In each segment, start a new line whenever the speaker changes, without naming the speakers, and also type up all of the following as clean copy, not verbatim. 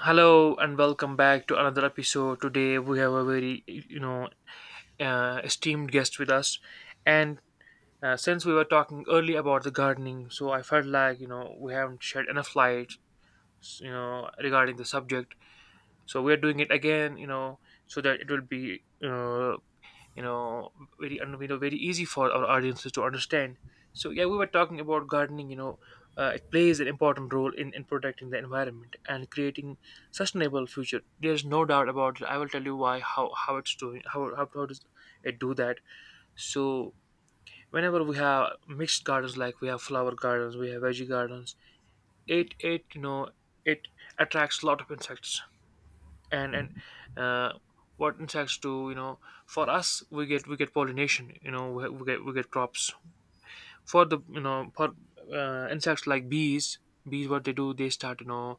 Hello and welcome back to another episode. Today we have a very esteemed guest with us, and since we were talking earlier about the gardening, so I felt like we haven't shed enough light regarding the subject. So we are doing it again, you know, so that it will be you know very and very easy for our audiences to understand. So yeah, we were talking about gardening, it plays an important role in protecting the environment and creating sustainable future. There's no doubt about it. I will tell you why, how it's doing how does it do that. So whenever we have mixed gardens, like we have flower gardens, we have veggie gardens, it you know it attracts a lot of insects. And uh, what insects do, you know, for us, we get, we get pollination, you know, we get, we get crops for the, you know, for insects like bees. Bees, what they do, they start,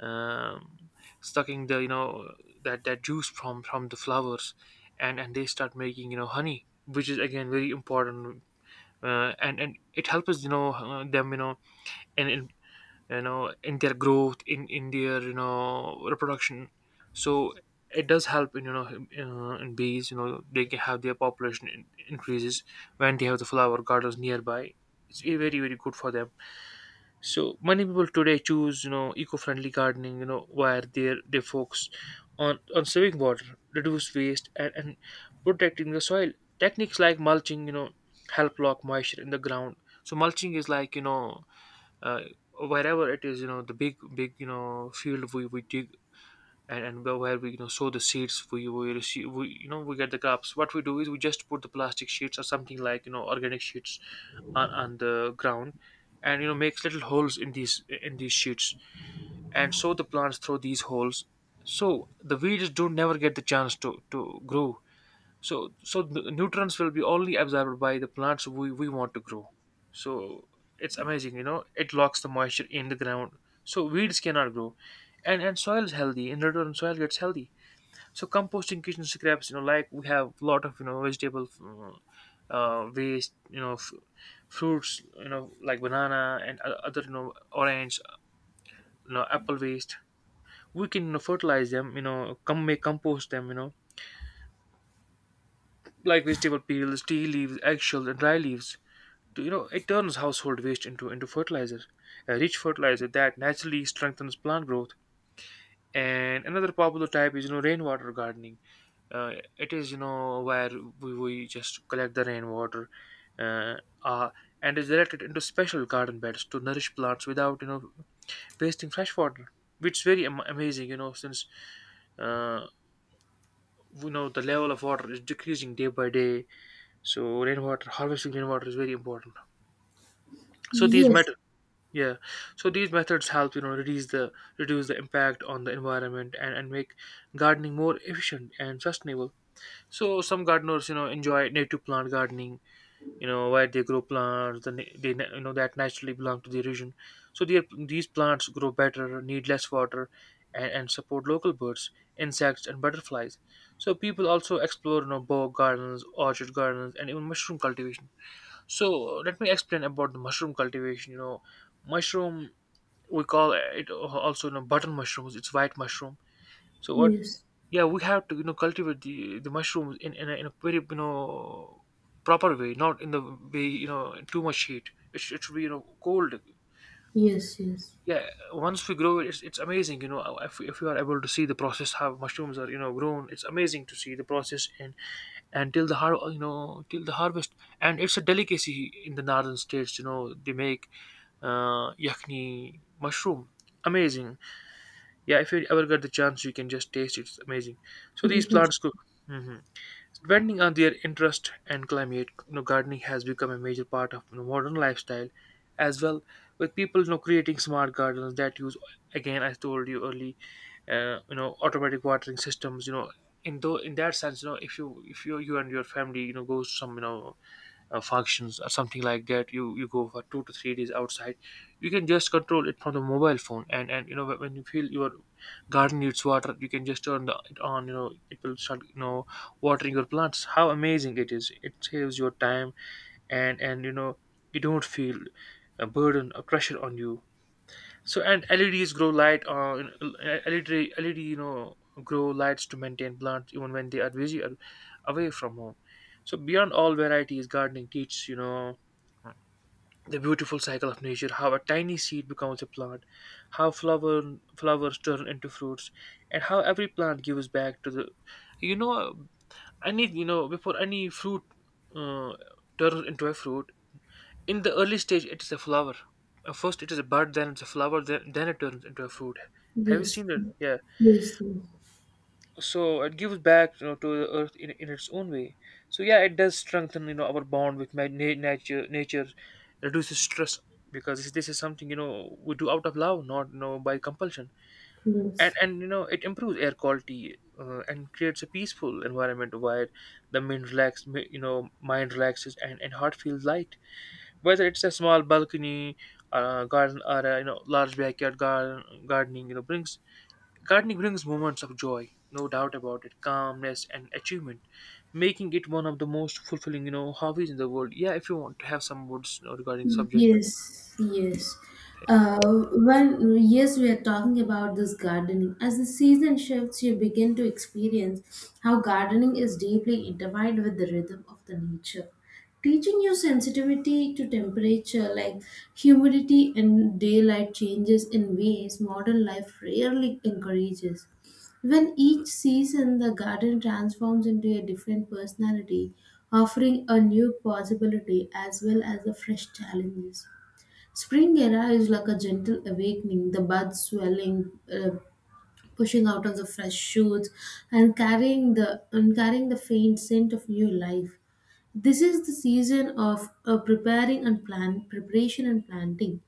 um, sucking the, you know, that juice from the flowers, and they start making, you know, honey, which is again very important. And it helps us, you know, them, you know, in you know, in their growth, in their, you know, reproduction. So it does help in, in bees, you know, they can have their population increases when they have the flower gardens nearby. It's very, very good for them. So many people today choose, you know, eco-friendly gardening, you know, where they focus on saving water, reduce waste, and protecting the soil. Techniques like mulching, you know, help lock moisture in the ground. So mulching is like, uh, wherever it is, you know, the big, you know, field, we dig, and where we, you know, sow the seeds, we you know, we get the crops. What we do is we just put the plastic sheets or something like, you know, organic sheets on the ground, and you know, makes little holes in these, in these sheets and sow the plants through these holes. So the weeds don't never get the chance to grow. So so the nutrients will be only absorbed by the plants we want to grow. So it's amazing, you know, it locks the moisture in the ground, so weeds cannot grow, and soil is healthy. In return, soil gets healthy. So composting kitchen scraps, you know, like we have a lot of, you know, vegetable waste, you know, fruits, you know, like banana and other, you know, orange, you know, apple waste. We can, you know, fertilize them, you know, come make compost them, you know, like vegetable peels, tea leaves, eggshells, and dry leaves. You know, it turns household waste into fertilizer, a rich fertilizer that naturally strengthens plant growth. And another popular type is, you know, rainwater gardening. uh, it is, you know, where we just collect the rainwater uh, uh, and is directed into special garden beds to nourish plants without, you know, wasting fresh water, which is very amazing, you know. Since uh, we know the level of water is decreasing day by day, so rainwater harvesting, rainwater is very important. So
Yes,
yeah, so these methods help, you know, reduce the impact on the environment, and make gardening more efficient and sustainable. So some gardeners, you know, enjoy native plant gardening, you know, where they grow plants the na- they na- you know, that naturally belong to the region. So these plants grow better, need less water, and support local birds, insects, and butterflies. So people also explore, you know, bog gardens, orchard gardens, and even mushroom cultivation. So let me explain about the mushroom cultivation. You know, mushroom, we call it also, you know, button mushrooms. It's white mushroom. So what,
yes,
yeah, we have to, you know, cultivate the mushrooms in in a very, you know, proper way, not in the way, you know, too much heat. It it should be, you know, cold.
yes, yes.
Yeah, once we grow it, it's amazing, you know, if you are able to see the process how mushrooms are, you know, grown, it's amazing to see the process and till the har you know, till the harvest. And it's a delicacy in the northern states, you know, they make yakni mushroom. Amazing. Yeah, if you ever get the chance, you can just taste it. It's amazing. So these
But
plants cook. Hmm. Depending on their interest and climate, you know, gardening has become a major part of, you know, modern lifestyle, as well, with people, you know, creating smart gardens that use, again, I told you early, automatic watering systems. You know, in that sense, you know, if you you and your family, you know, goes to some, you know, functions or something like that, you go for 2 to 3 days outside. You can just control it from the mobile phone, and you know, when you feel your garden needs water, you can just turn it on, you know, it will start, you know, watering your plants. How amazing it is! It saves your time, and you know, you don't feel a burden, a pressure on you. So, and LEDs grow light. LED, you know, grow lights to maintain plants even when they are busy or away from home. So beyond all varieties, gardening teaches, you know, the beautiful cycle of nature, how a tiny seed becomes a plant, how flowers turn into fruits, and how every plant gives back to the, you know, any, you know, before any fruit uh, turns into a fruit, in the early stage it is a flower. First it is a bud, then it's a flower, then it turns into a fruit. Have you
yes,
seen it? Yeah.
yes,
So it gives back, you know, to the earth in its own way. So yeah, it does strengthen, you know, our bond with nature. Nature reduces stress, because this is something, you know, we do out of love, not, you know, by compulsion. and
yes,
and you know, it improves air quality and creates a peaceful environment where the you know, mind relaxes, and heart feels light. Whether it's a small balcony garden or a, you know, large backyard garden, gardening brings moments of joy, no doubt about it, calmness and achievement, making it one of the most fulfilling, you know, hobbies in the world. Yeah, if you want to have some words, you know, regarding subject.
yes, yes. Uh, when we are talking about this gardening. As the season shifts, you begin to experience how gardening is deeply intertwined with the rhythm of the nature, teaching you sensitivity to temperature, like humidity and daylight changes in ways modern life rarely encourages. When each season, the garden transforms into a different personality, offering a new possibility as well as the fresh challenges. Spring era is like a gentle awakening, the buds swelling, pushing out of the fresh shoots, and carrying the faint scent of new life. This is the season of preparing and plan preparation and planting,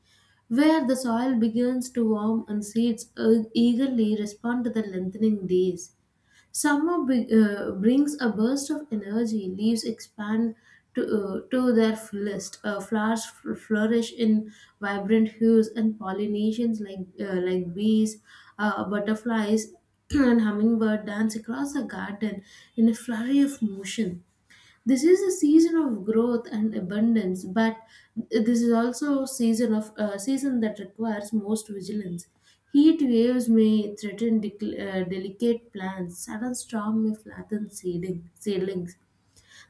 where the soil begins to warm and seeds eagerly respond to the lengthening days. Summer brings a burst of energy, leaves expand to their fullest, flowers flourish in vibrant hues, and pollinations like bees, butterflies, and hummingbird dance across the garden in a flurry of motion. This is a season of growth and abundance, but this is also season of season that requires most vigilance. Heat waves may threaten delicate plants, sudden storm may flatten seedlings,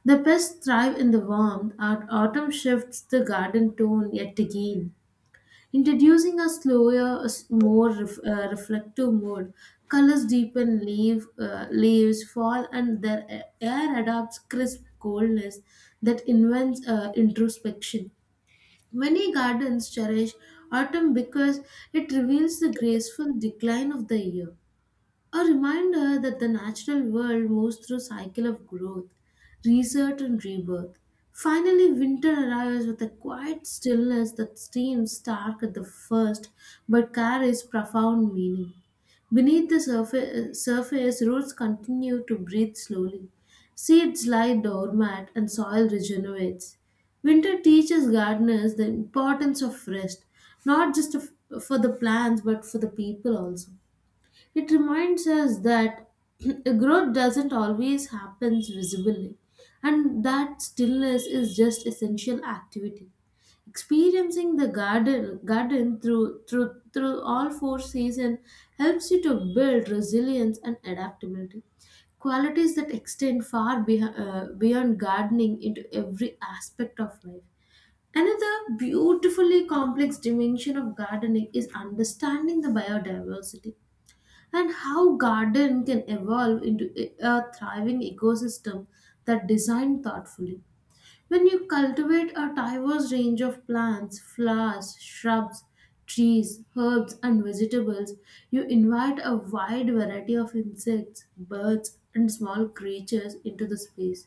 the pests thrive in the warmth. Our autumn shifts the garden tone yet again, introducing a slower, a more reflective mode. Colors deepen, leaves fall, and their a- air adopts crisp coldness that invents introspection. Many gardens cherish autumn because it reveals the graceful decline of the year. A reminder that the natural world moves through cycle of growth, research and rebirth. Finally, winter arrives with a quiet stillness that seems stark at the first but carries profound meaning. Beneath the surface roots continue to breathe slowly. Seeds lie dormant and soil regenerates. Winter teaches gardeners the importance of rest, not just for the plants but for the people also. It reminds us that growth doesn't always happen visibly, and that stillness is just essential activity. Experiencing the garden through all four seasons helps you to build resilience and adaptability. Qualities that extend far beyond gardening into every aspect of life. Another beautifully complex dimension of gardening is understanding the biodiversity, and how garden can evolve into a thriving ecosystem that designed thoughtfully. When you cultivate a diverse range of plants, flowers, shrubs, trees, herbs and vegetables, you invite a wide variety of insects, birds and small creatures into the space.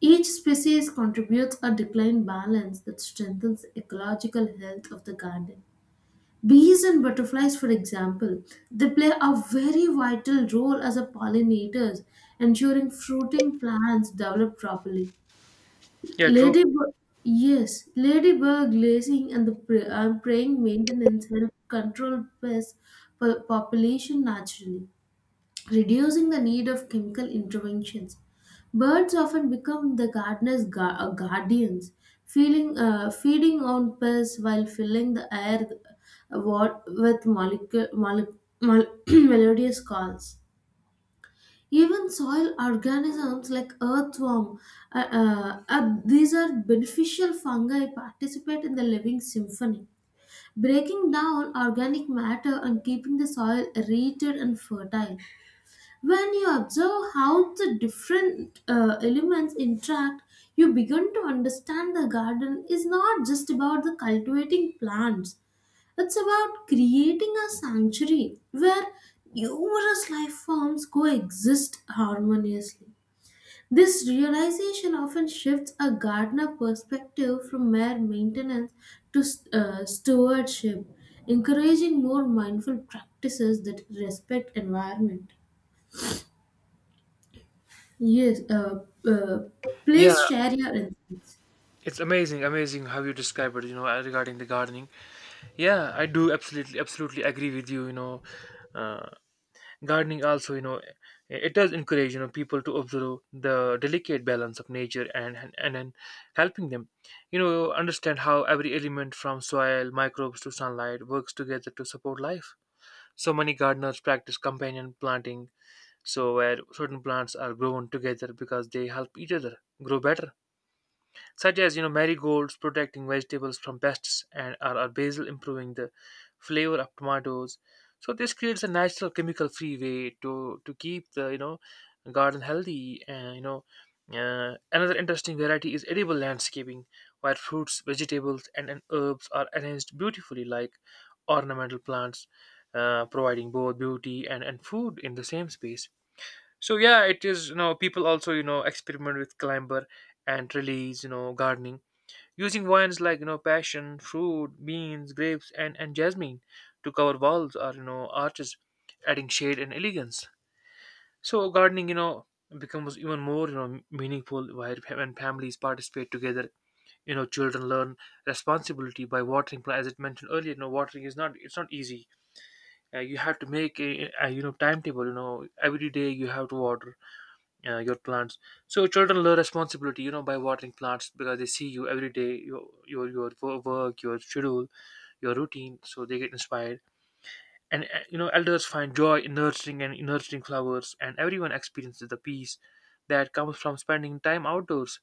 Each species contributes a decline balance that strengthens the ecological health of the garden. Bees and butterflies, for example, they play a very vital role as a pollinators, ensuring fruiting plants develop properly.
Yeah, true.
Ladybird, yes, ladybird glazing and the preying maintenance help control pest population naturally, reducing the need of chemical interventions. Birds often become the gardener's guardians, feeding on pests while filling the air with melodious calls. Even soil organisms like earthworm, these are beneficial fungi participate in the living symphony, breaking down organic matter and keeping the soil aerated and fertile. When you observe how the different elements interact, you begin to understand the garden is not just about the cultivating plants. It's about creating a sanctuary where numerous life forms coexist harmoniously. This realization often shifts a gardener perspective from mere maintenance to stewardship, encouraging more mindful practices that respect environment. Yes, uh,
Yeah,
please share your insights.
it's amazing, amazing how you describe it, you know, regarding the gardening. Yeah, I do absolutely, absolutely agree with you, you know. uh, Gardening also, you know, it does encourage, you know, people to observe the delicate balance of nature and and helping them, you know, understand how every element, from soil microbes to sunlight, works together to support life. So many gardeners practice companion planting, so where certain plants are grown together because they help each other grow better, such as, you know, marigolds protecting vegetables from pests, and or basil improving the flavor of tomatoes. So this creates a natural chemical free way to keep the, you know, garden healthy, and you know, another interesting variety is edible landscaping, where fruits, vegetables, and herbs are arranged beautifully like ornamental plants, providing both beauty and food in the same space. So yeah, it is, you know, people also, you know, experiment with climber and release, you know, gardening, using vines like, you know, passion fruit, beans, grapes, and jasmine to cover walls or, you know, arches, adding shade and elegance. So gardening, you know, becomes even more, you know, meaningful while when families participate together. You know, children learn responsibility by watering plants. As it mentioned earlier, you know, watering is not, it's not easy. You have to make you know, timetable, you know, every day you have to water your plants. So children learn responsibility, you know, by watering plants because they see you every day, your your work, your schedule, your routine. So they get inspired, and you know, elders find joy in nurturing and in nurturing flowers, and everyone experiences the peace that comes from spending time outdoors.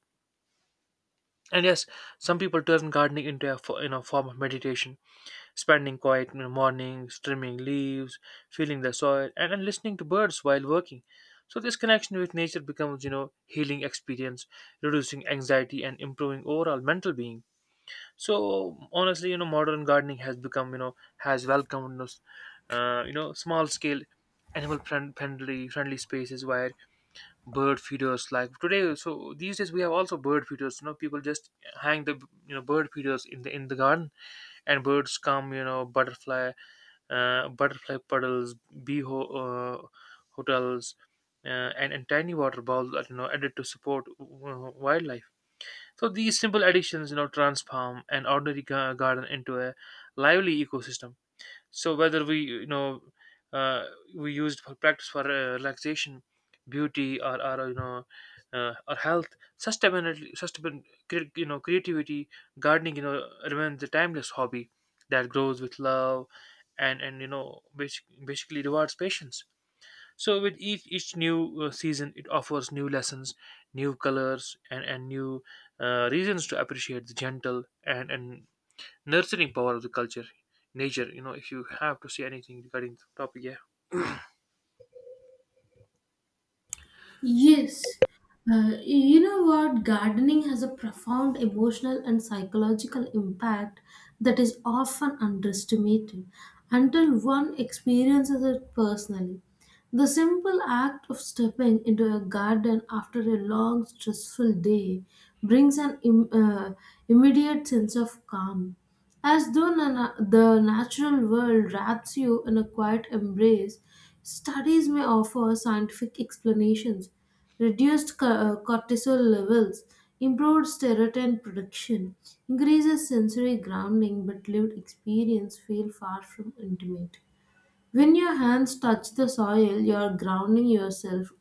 And yes, some people turn gardening into a form of meditation, spending quiet mornings, trimming leaves, feeling the soil, and listening to birds while working. So this connection with nature becomes, healing experience, reducing anxiety and improving overall mental being. So honestly, modern gardening has become, has welcomed us, small scale animal friendly spaces where bird feeders like today. So these days we have also bird feeders, people just hang the, bird feeders in the garden and birds come, butterfly puddles, bee hotels, uh, and tiny water bowls are, added to support wildlife. So these simple additions, transform an ordinary garden into a lively ecosystem. So whether we you know uh, we used for practice, for relaxation, beauty, or or health, sustainability sustainable creativity, gardening, remains a timeless hobby that grows with love, and basically rewards patience. So with each new season, it offers new lessons, new colors, and new reasons to appreciate the gentle and nurturing power of the culture nature. If you have to say anything regarding the topic, yeah.
Yes, you know what? Gardening has a profound emotional and psychological impact that is often underestimated until one experiences it personally. The simple act of stepping into a garden after a long, stressful day brings an immediate sense of calm, as though the natural world wraps you in a quiet embrace. Studies may offer scientific explanations, reduced cortisol levels, improved serotonin production, increases sensory grounding, but lived experience feel far from intimate. When your hands touch the soil, you're grounding yourself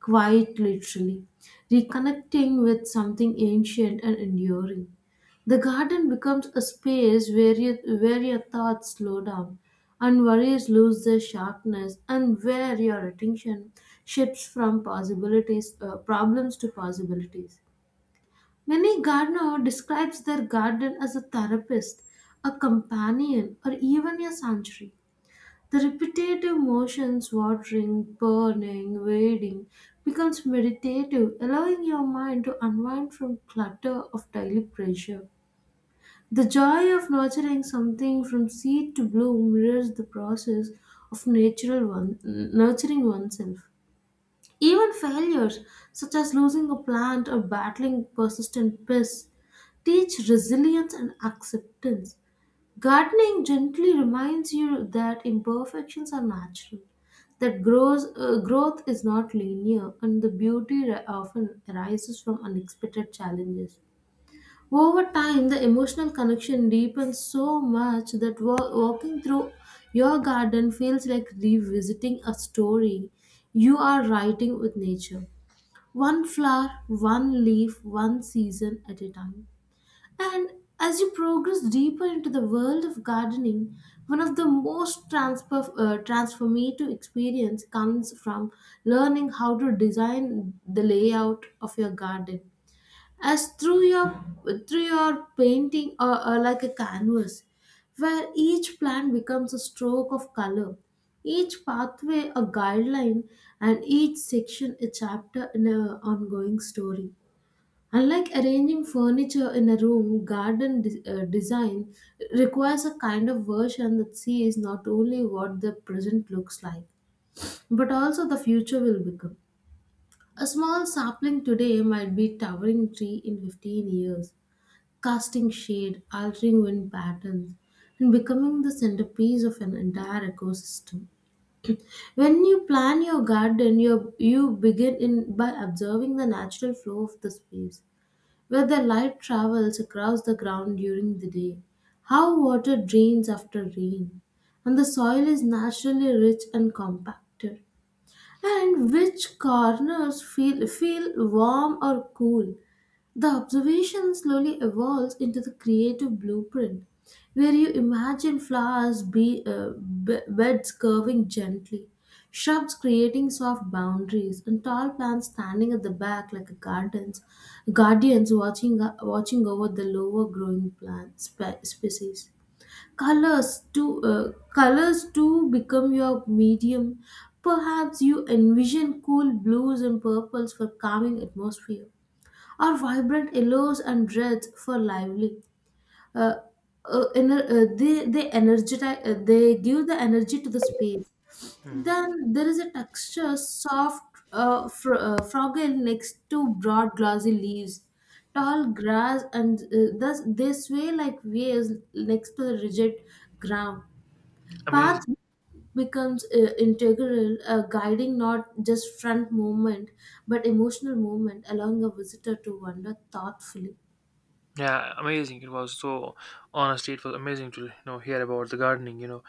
quite literally, reconnecting with something ancient and enduring. The garden becomes a space where your thoughts slow down and worries lose their sharpness, and where your attention shifts from problems to possibilities. Many gardener describes their garden as a therapist, a companion, or even a sanctuary. The repetitive motions, watering, burning, wading, becomes meditative, allowing your mind to unwind from clutter of daily pressure. The joy of nurturing something from seed to bloom mirrors the process of natural one, nurturing oneself. Even failures, such as losing a plant or battling persistent pests, teach resilience and acceptance. Gardening gently reminds you that imperfections are natural, that growth is not linear, and the beauty often arises from unexpected challenges. Over time, the emotional connection deepens so much that walking through your garden feels like revisiting a story you are writing with nature. One flower, one leaf, one season at a time. And as you progress deeper into the world of gardening, one of the most transformative experience comes from learning how to design the layout of your garden. As through your painting or like a canvas, where each plant becomes a stroke of color, each pathway a guideline, and each section a chapter in a ongoing story. Unlike arranging furniture in a room, garden design requires a kind of version that sees not only what the present looks like, but also the future will become. A small sapling today might be towering tree in 15 years, casting shade, altering wind patterns, and becoming the centerpiece of an entire ecosystem. When you plan your garden, you begin in by observing the natural flow of the space where the light travels across the ground during the day, how water drains after rain, and the soil is naturally rich and compacted, and which corners feel warm or cool, the observation slowly evolves into the creative blueprint, where you imagine flowers, beds curving gently, shrubs creating soft boundaries, and tall plants standing at the back like a gardens, guardians watching over the lower growing plant species. Colors too, colors too become your medium. Perhaps you envision cool blues and purples for calming atmosphere are vibrant yellows and reds for lively. Uh, they energize they give the energy to the space.
Hmm.
Then there is a texture soft fragile next to broad glossy leaves, tall grass, and thus they sway like waves next to the rigid ground.
Amazing.
Path becomes integral, guiding not just front movement but emotional movement, allowing a visitor to wander thoughtfully.
Yeah, amazing. It was so, honestly, it was amazing to, hear about the gardening. You know,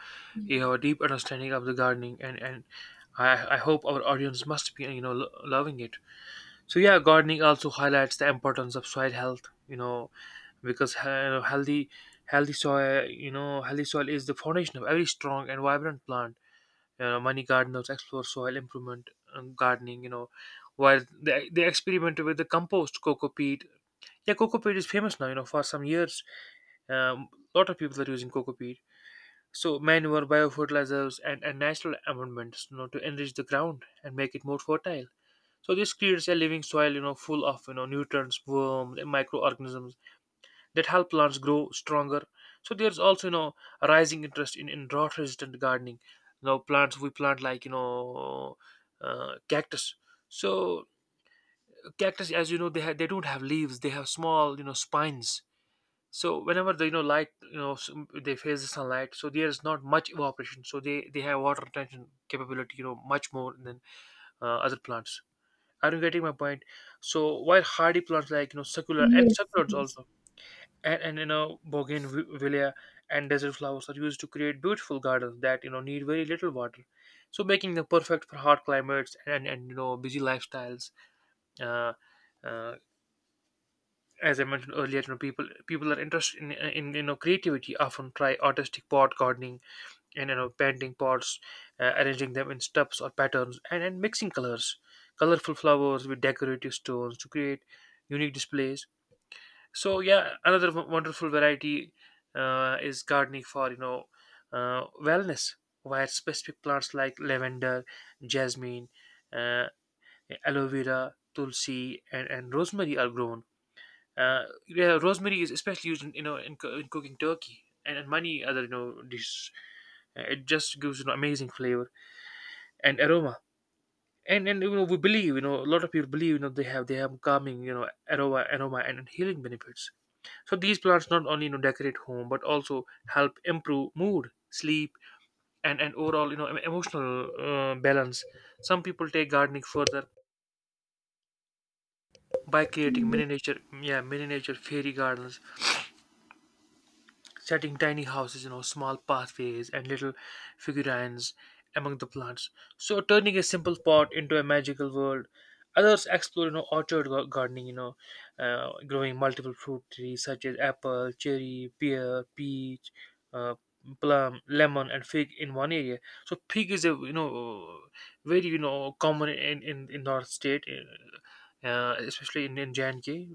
you have a deep understanding of the gardening, and I hope our audience must be, loving it. So yeah, gardening also highlights the importance of soil health, you know, because healthy soil, you know, healthy soil is the foundation of every strong and vibrant plant. You know, money gardeners explore soil improvement and gardening, you know, while they experimented with the compost, coco peat. Yeah, coco peat is famous now, you know, for some years. um, a lot of people are using coco peat. So manure, biofertilizers, and natural amendments, you know, to enrich the ground and make it more fertile. So this creates a living soil, you know, full of, you know, nutrients, worms and microorganisms that help plants grow stronger. So there's also, you know, a rising interest in drought resistant gardening. You know, plants we plant like, you know, cactus. So cactus, as you know, they don't have leaves. They have small, you know, spines. So whenever the, you know, light, they face the sunlight, so there is not much evaporation. So they have water retention capability, you know, much more than other plants. Are you getting my point? So while hardy plants like, you know,
Yes,
succulents
yes.
also, and you know, bougainvillea and desert flowers are used to create beautiful gardens that, you know, need very little water, so making them perfect for hot climates and you know, busy lifestyles. uh, uh, as I mentioned earlier, you know, people are interested in you know, creativity, often try artistic pot gardening and, you know, painting pots, arranging them in stubs or patterns, and mixing colors, colorful flowers with decorative stones to create unique displays. So yeah, another wonderful variety is gardening for, you know, wellness, where specific plants like lavender, jasmine, uh, aloe vera, tulsi, and rosemary are grown. Yeah, rosemary is especially used in, you know, in cooking turkey, and many other, you know, dishes. It just gives, you know, amazing flavor and aroma, and you know, we believe, you know, a lot of people believe, you know, they have calming, you know, aroma and healing benefits. So these plants not only, you know, decorate home but also help improve mood, sleep, and overall, you know, emotional balance. Some people take gardening further by creating mini nature, yeah, mini nature fairy gardens, setting tiny houses, you know, small pathways and little figurines among the plants. So turning a simple pot into a magical world. Others explore, you know, orchard gardening, you know, growing multiple fruit trees such as apple, cherry, pear, peach, uh, plum, lemon, and fig in one area. So fig is a, you know, very, you know, common in North State, especially in J&K.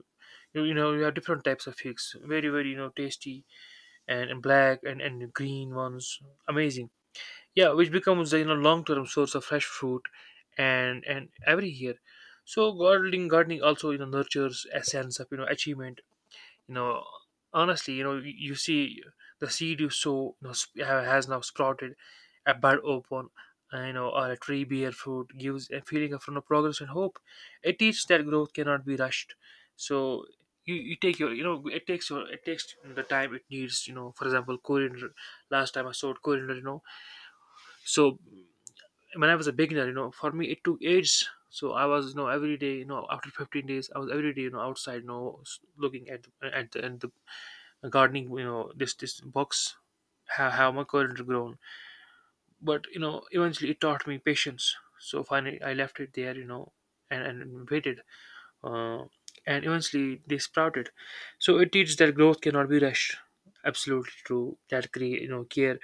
You know, you have different types of figs, very you know, tasty, and black, and green ones. Amazing. Yeah, which becomes a, you know, long term source of fresh fruit, and every year. So gardening also, you know, nurtures a sense of, you know, achievement, you know. Honestly, you know, you see the seed you sow, you know, has now sprouted, a bud open, and, you know, or a tree bear fruit, gives a feeling of, you know, progress and hope. It teaches that growth cannot be rushed. So you take your, you know, it takes your, it takes the time it needs, you know, for example, coriander. Last time I sowed coriander, you know. So when I was a beginner, you know, for me it took ages. So I was, you know, every day, you know, after 15 days, I was every day, you know, outside, you know, looking at at the gardening, you know, this box, how my current grown. But you know, eventually it taught me patience. So finally I left it there, you know, and waited. uh, and eventually they sprouted. So it teaches that growth cannot be rushed. Absolutely true. That you know, care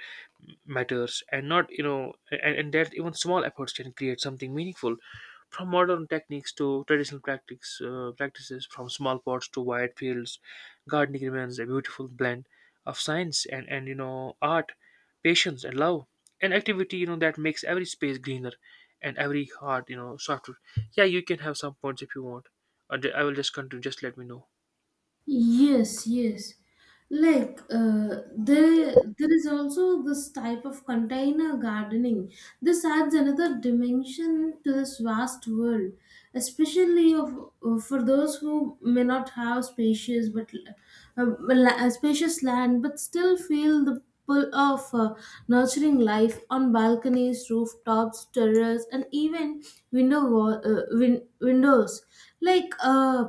matters, and not, you know, and that even small efforts can create something meaningful. From modern techniques to traditional practices, from small pots to wide fields, gardening remains a beautiful blend of science and you know, art, patience and love, an activity, you know, that makes every space greener, and every heart, you know, softer. Yeah, you can have some points if you want. I will just continue. Just let me know.
Yes, yes. Like there is also this type of container gardening. This adds another dimension to this vast world, especially of for those who may not have spacious land, but still feel the pull of nurturing life on balconies, rooftops, terraces, and even windows. Like uh,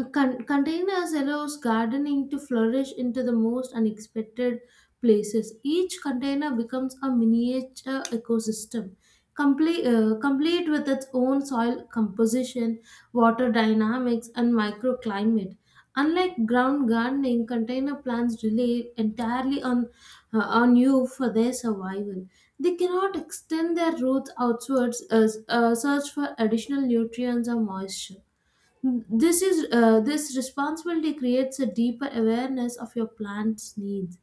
a con- containers allows gardening to flourish into the most unexpected places. Each container becomes a miniature ecosystem, complete with its own soil composition, water dynamics, and microclimate. Unlike ground gardening, container plants rely entirely on you for their survival. They cannot extend their roots outwards as search for additional nutrients or moisture. This responsibility creates a deeper awareness of your plant's needs,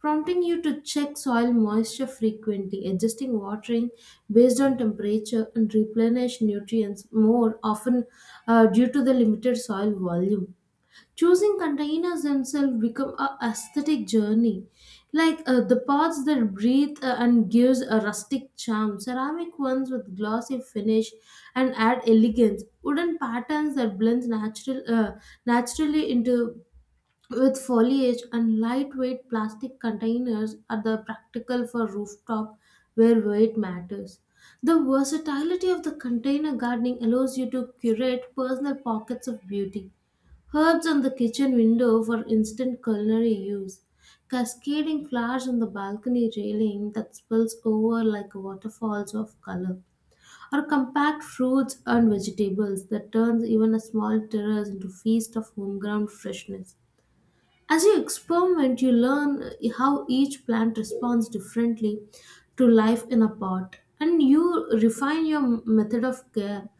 prompting you to check soil moisture frequently, adjusting watering based on temperature, and replenish nutrients more often due to the limited soil volume. Choosing containers themselves become a aesthetic journey. Like the pots that breathe and gives a rustic charm, ceramic ones with glossy finish and add elegance, wooden patterns that blends naturally into with foliage and lightweight plastic containers are the practical for rooftop where weight matters. The versatility of the container gardening allows you to curate personal pockets of beauty. Herbs on the kitchen window for instant culinary use. Cascading flowers on the balcony railing that spills over like waterfalls of color. Or compact fruits and vegetables that turns even a small terrace into feast of homegrown freshness. As you experiment, you learn how each plant responds differently to life in a pot, and you refine your method of care,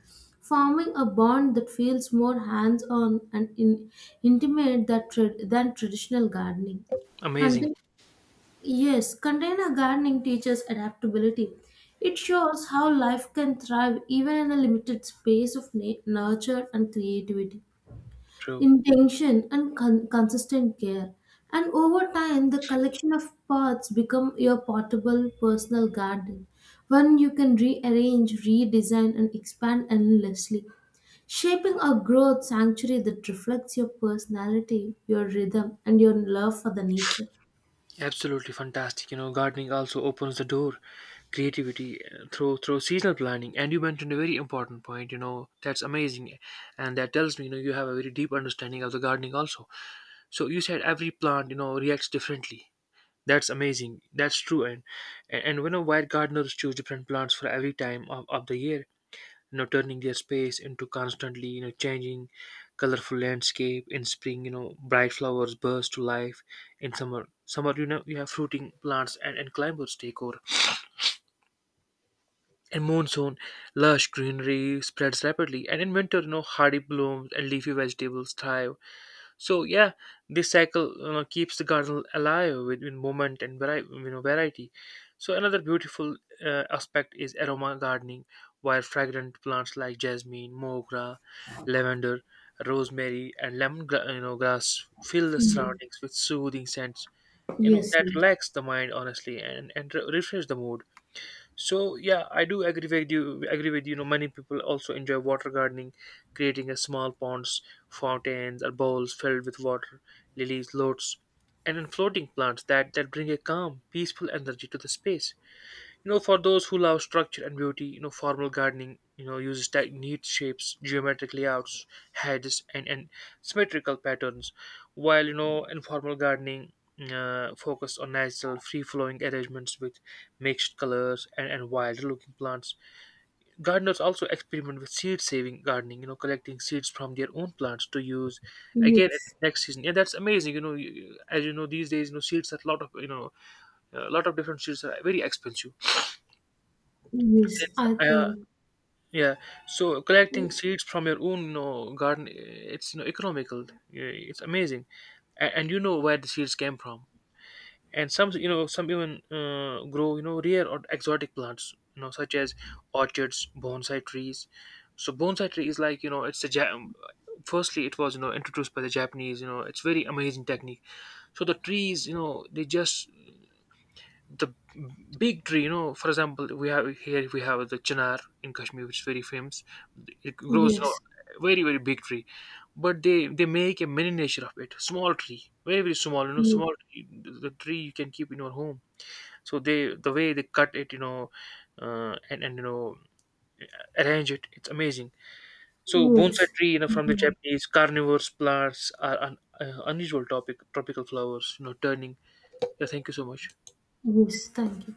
forming a bond that feels more hands on and intimate that than traditional gardening.
Amazing.
Contain- yes, container gardening teaches adaptability. It shows how life can thrive even in a limited space of nurture and creativity,
True.
intention and consistent care, and over time the collection of pots become your portable personal garden, one you can rearrange, redesign and expand endlessly, shaping a growth sanctuary that reflects your personality, your rhythm and your love for the nature.
Absolutely fantastic. You know, gardening also opens the door creativity through seasonal planning. And you mentioned a very important point. You know, that's amazing, and that tells me, you know, you have a very deep understanding of the gardening also. So you said every plant, you know, reacts differently. That's amazing. That's true. And when a wide gardeners choose different plants for every time of the year, you know, turning their space into constantly, you know, changing colorful landscape. In spring, you know, bright flowers burst to life. In summer, you know, you have fruiting plants, and climbers take over. In monsoon, lush greenery spreads rapidly. And in winter, you know, hardy blooms and leafy vegetables thrive. So yeah, this cycle, you know, keeps the garden alive with movement and you know, variety. So another beautiful aspect is aroma gardening, where fragrant plants like jasmine, mogra, lavender, rosemary, and lemon you know, grass fill the
Mhm.
surroundings with soothing scents. You know
Yes,
that
yes.
relax the mind, honestly, and refresh the mood. So yeah, I do agree with you. You know, many people also enjoy water gardening, creating a small ponds, fountains, or bowls filled with water, lilies, lotus, and then floating plants that bring a calm, peaceful energy to the space. You know, for those who love structure and beauty, you know, formal gardening, you know, uses neat shapes, geometric layouts, hedges, and symmetrical patterns, while, you know, informal gardening focused on natural, free-flowing arrangements with mixed colors and wild-looking plants. Gardeners also experiment with seed-saving gardening, you know, collecting seeds from their own plants to use again at
Yes,
next season. Yeah, that's amazing. You know, as you know, these days, you know, seeds are a lot of, you know, a lot of different seeds are very expensive
yes.
since
i think
yeah, so collecting seeds from your own, you know, garden, eh, it's, you know, economical. Yeah, it's amazing, and you know, where the seeds came from. And some, you know, some even grow, you know, rare or exotic plants, you know, such as orchids, bonsai trees. So bonsai tree is like, you know, firstly it was, you know, introduced by the Japanese. You know, it's very amazing technique. So the trees, you know, they just, the big tree, you know, for example, we have here, we have the chinar in Kashmir, which is very famous. It grows, you know,
yes
very big tree, but they make a miniature of it, small tree, very small, you know,
yes,
small tree, the tree you can keep in your home. So they, the way they cut it, you know, and you know, arrange it, it's amazing. So
yes,
bonsai tree, you know, from the
yes,
Japanese, carnivorous plants are an unusual topic, tropical flowers, you know, turning, yeah, thank you so much.
yes. Thank you.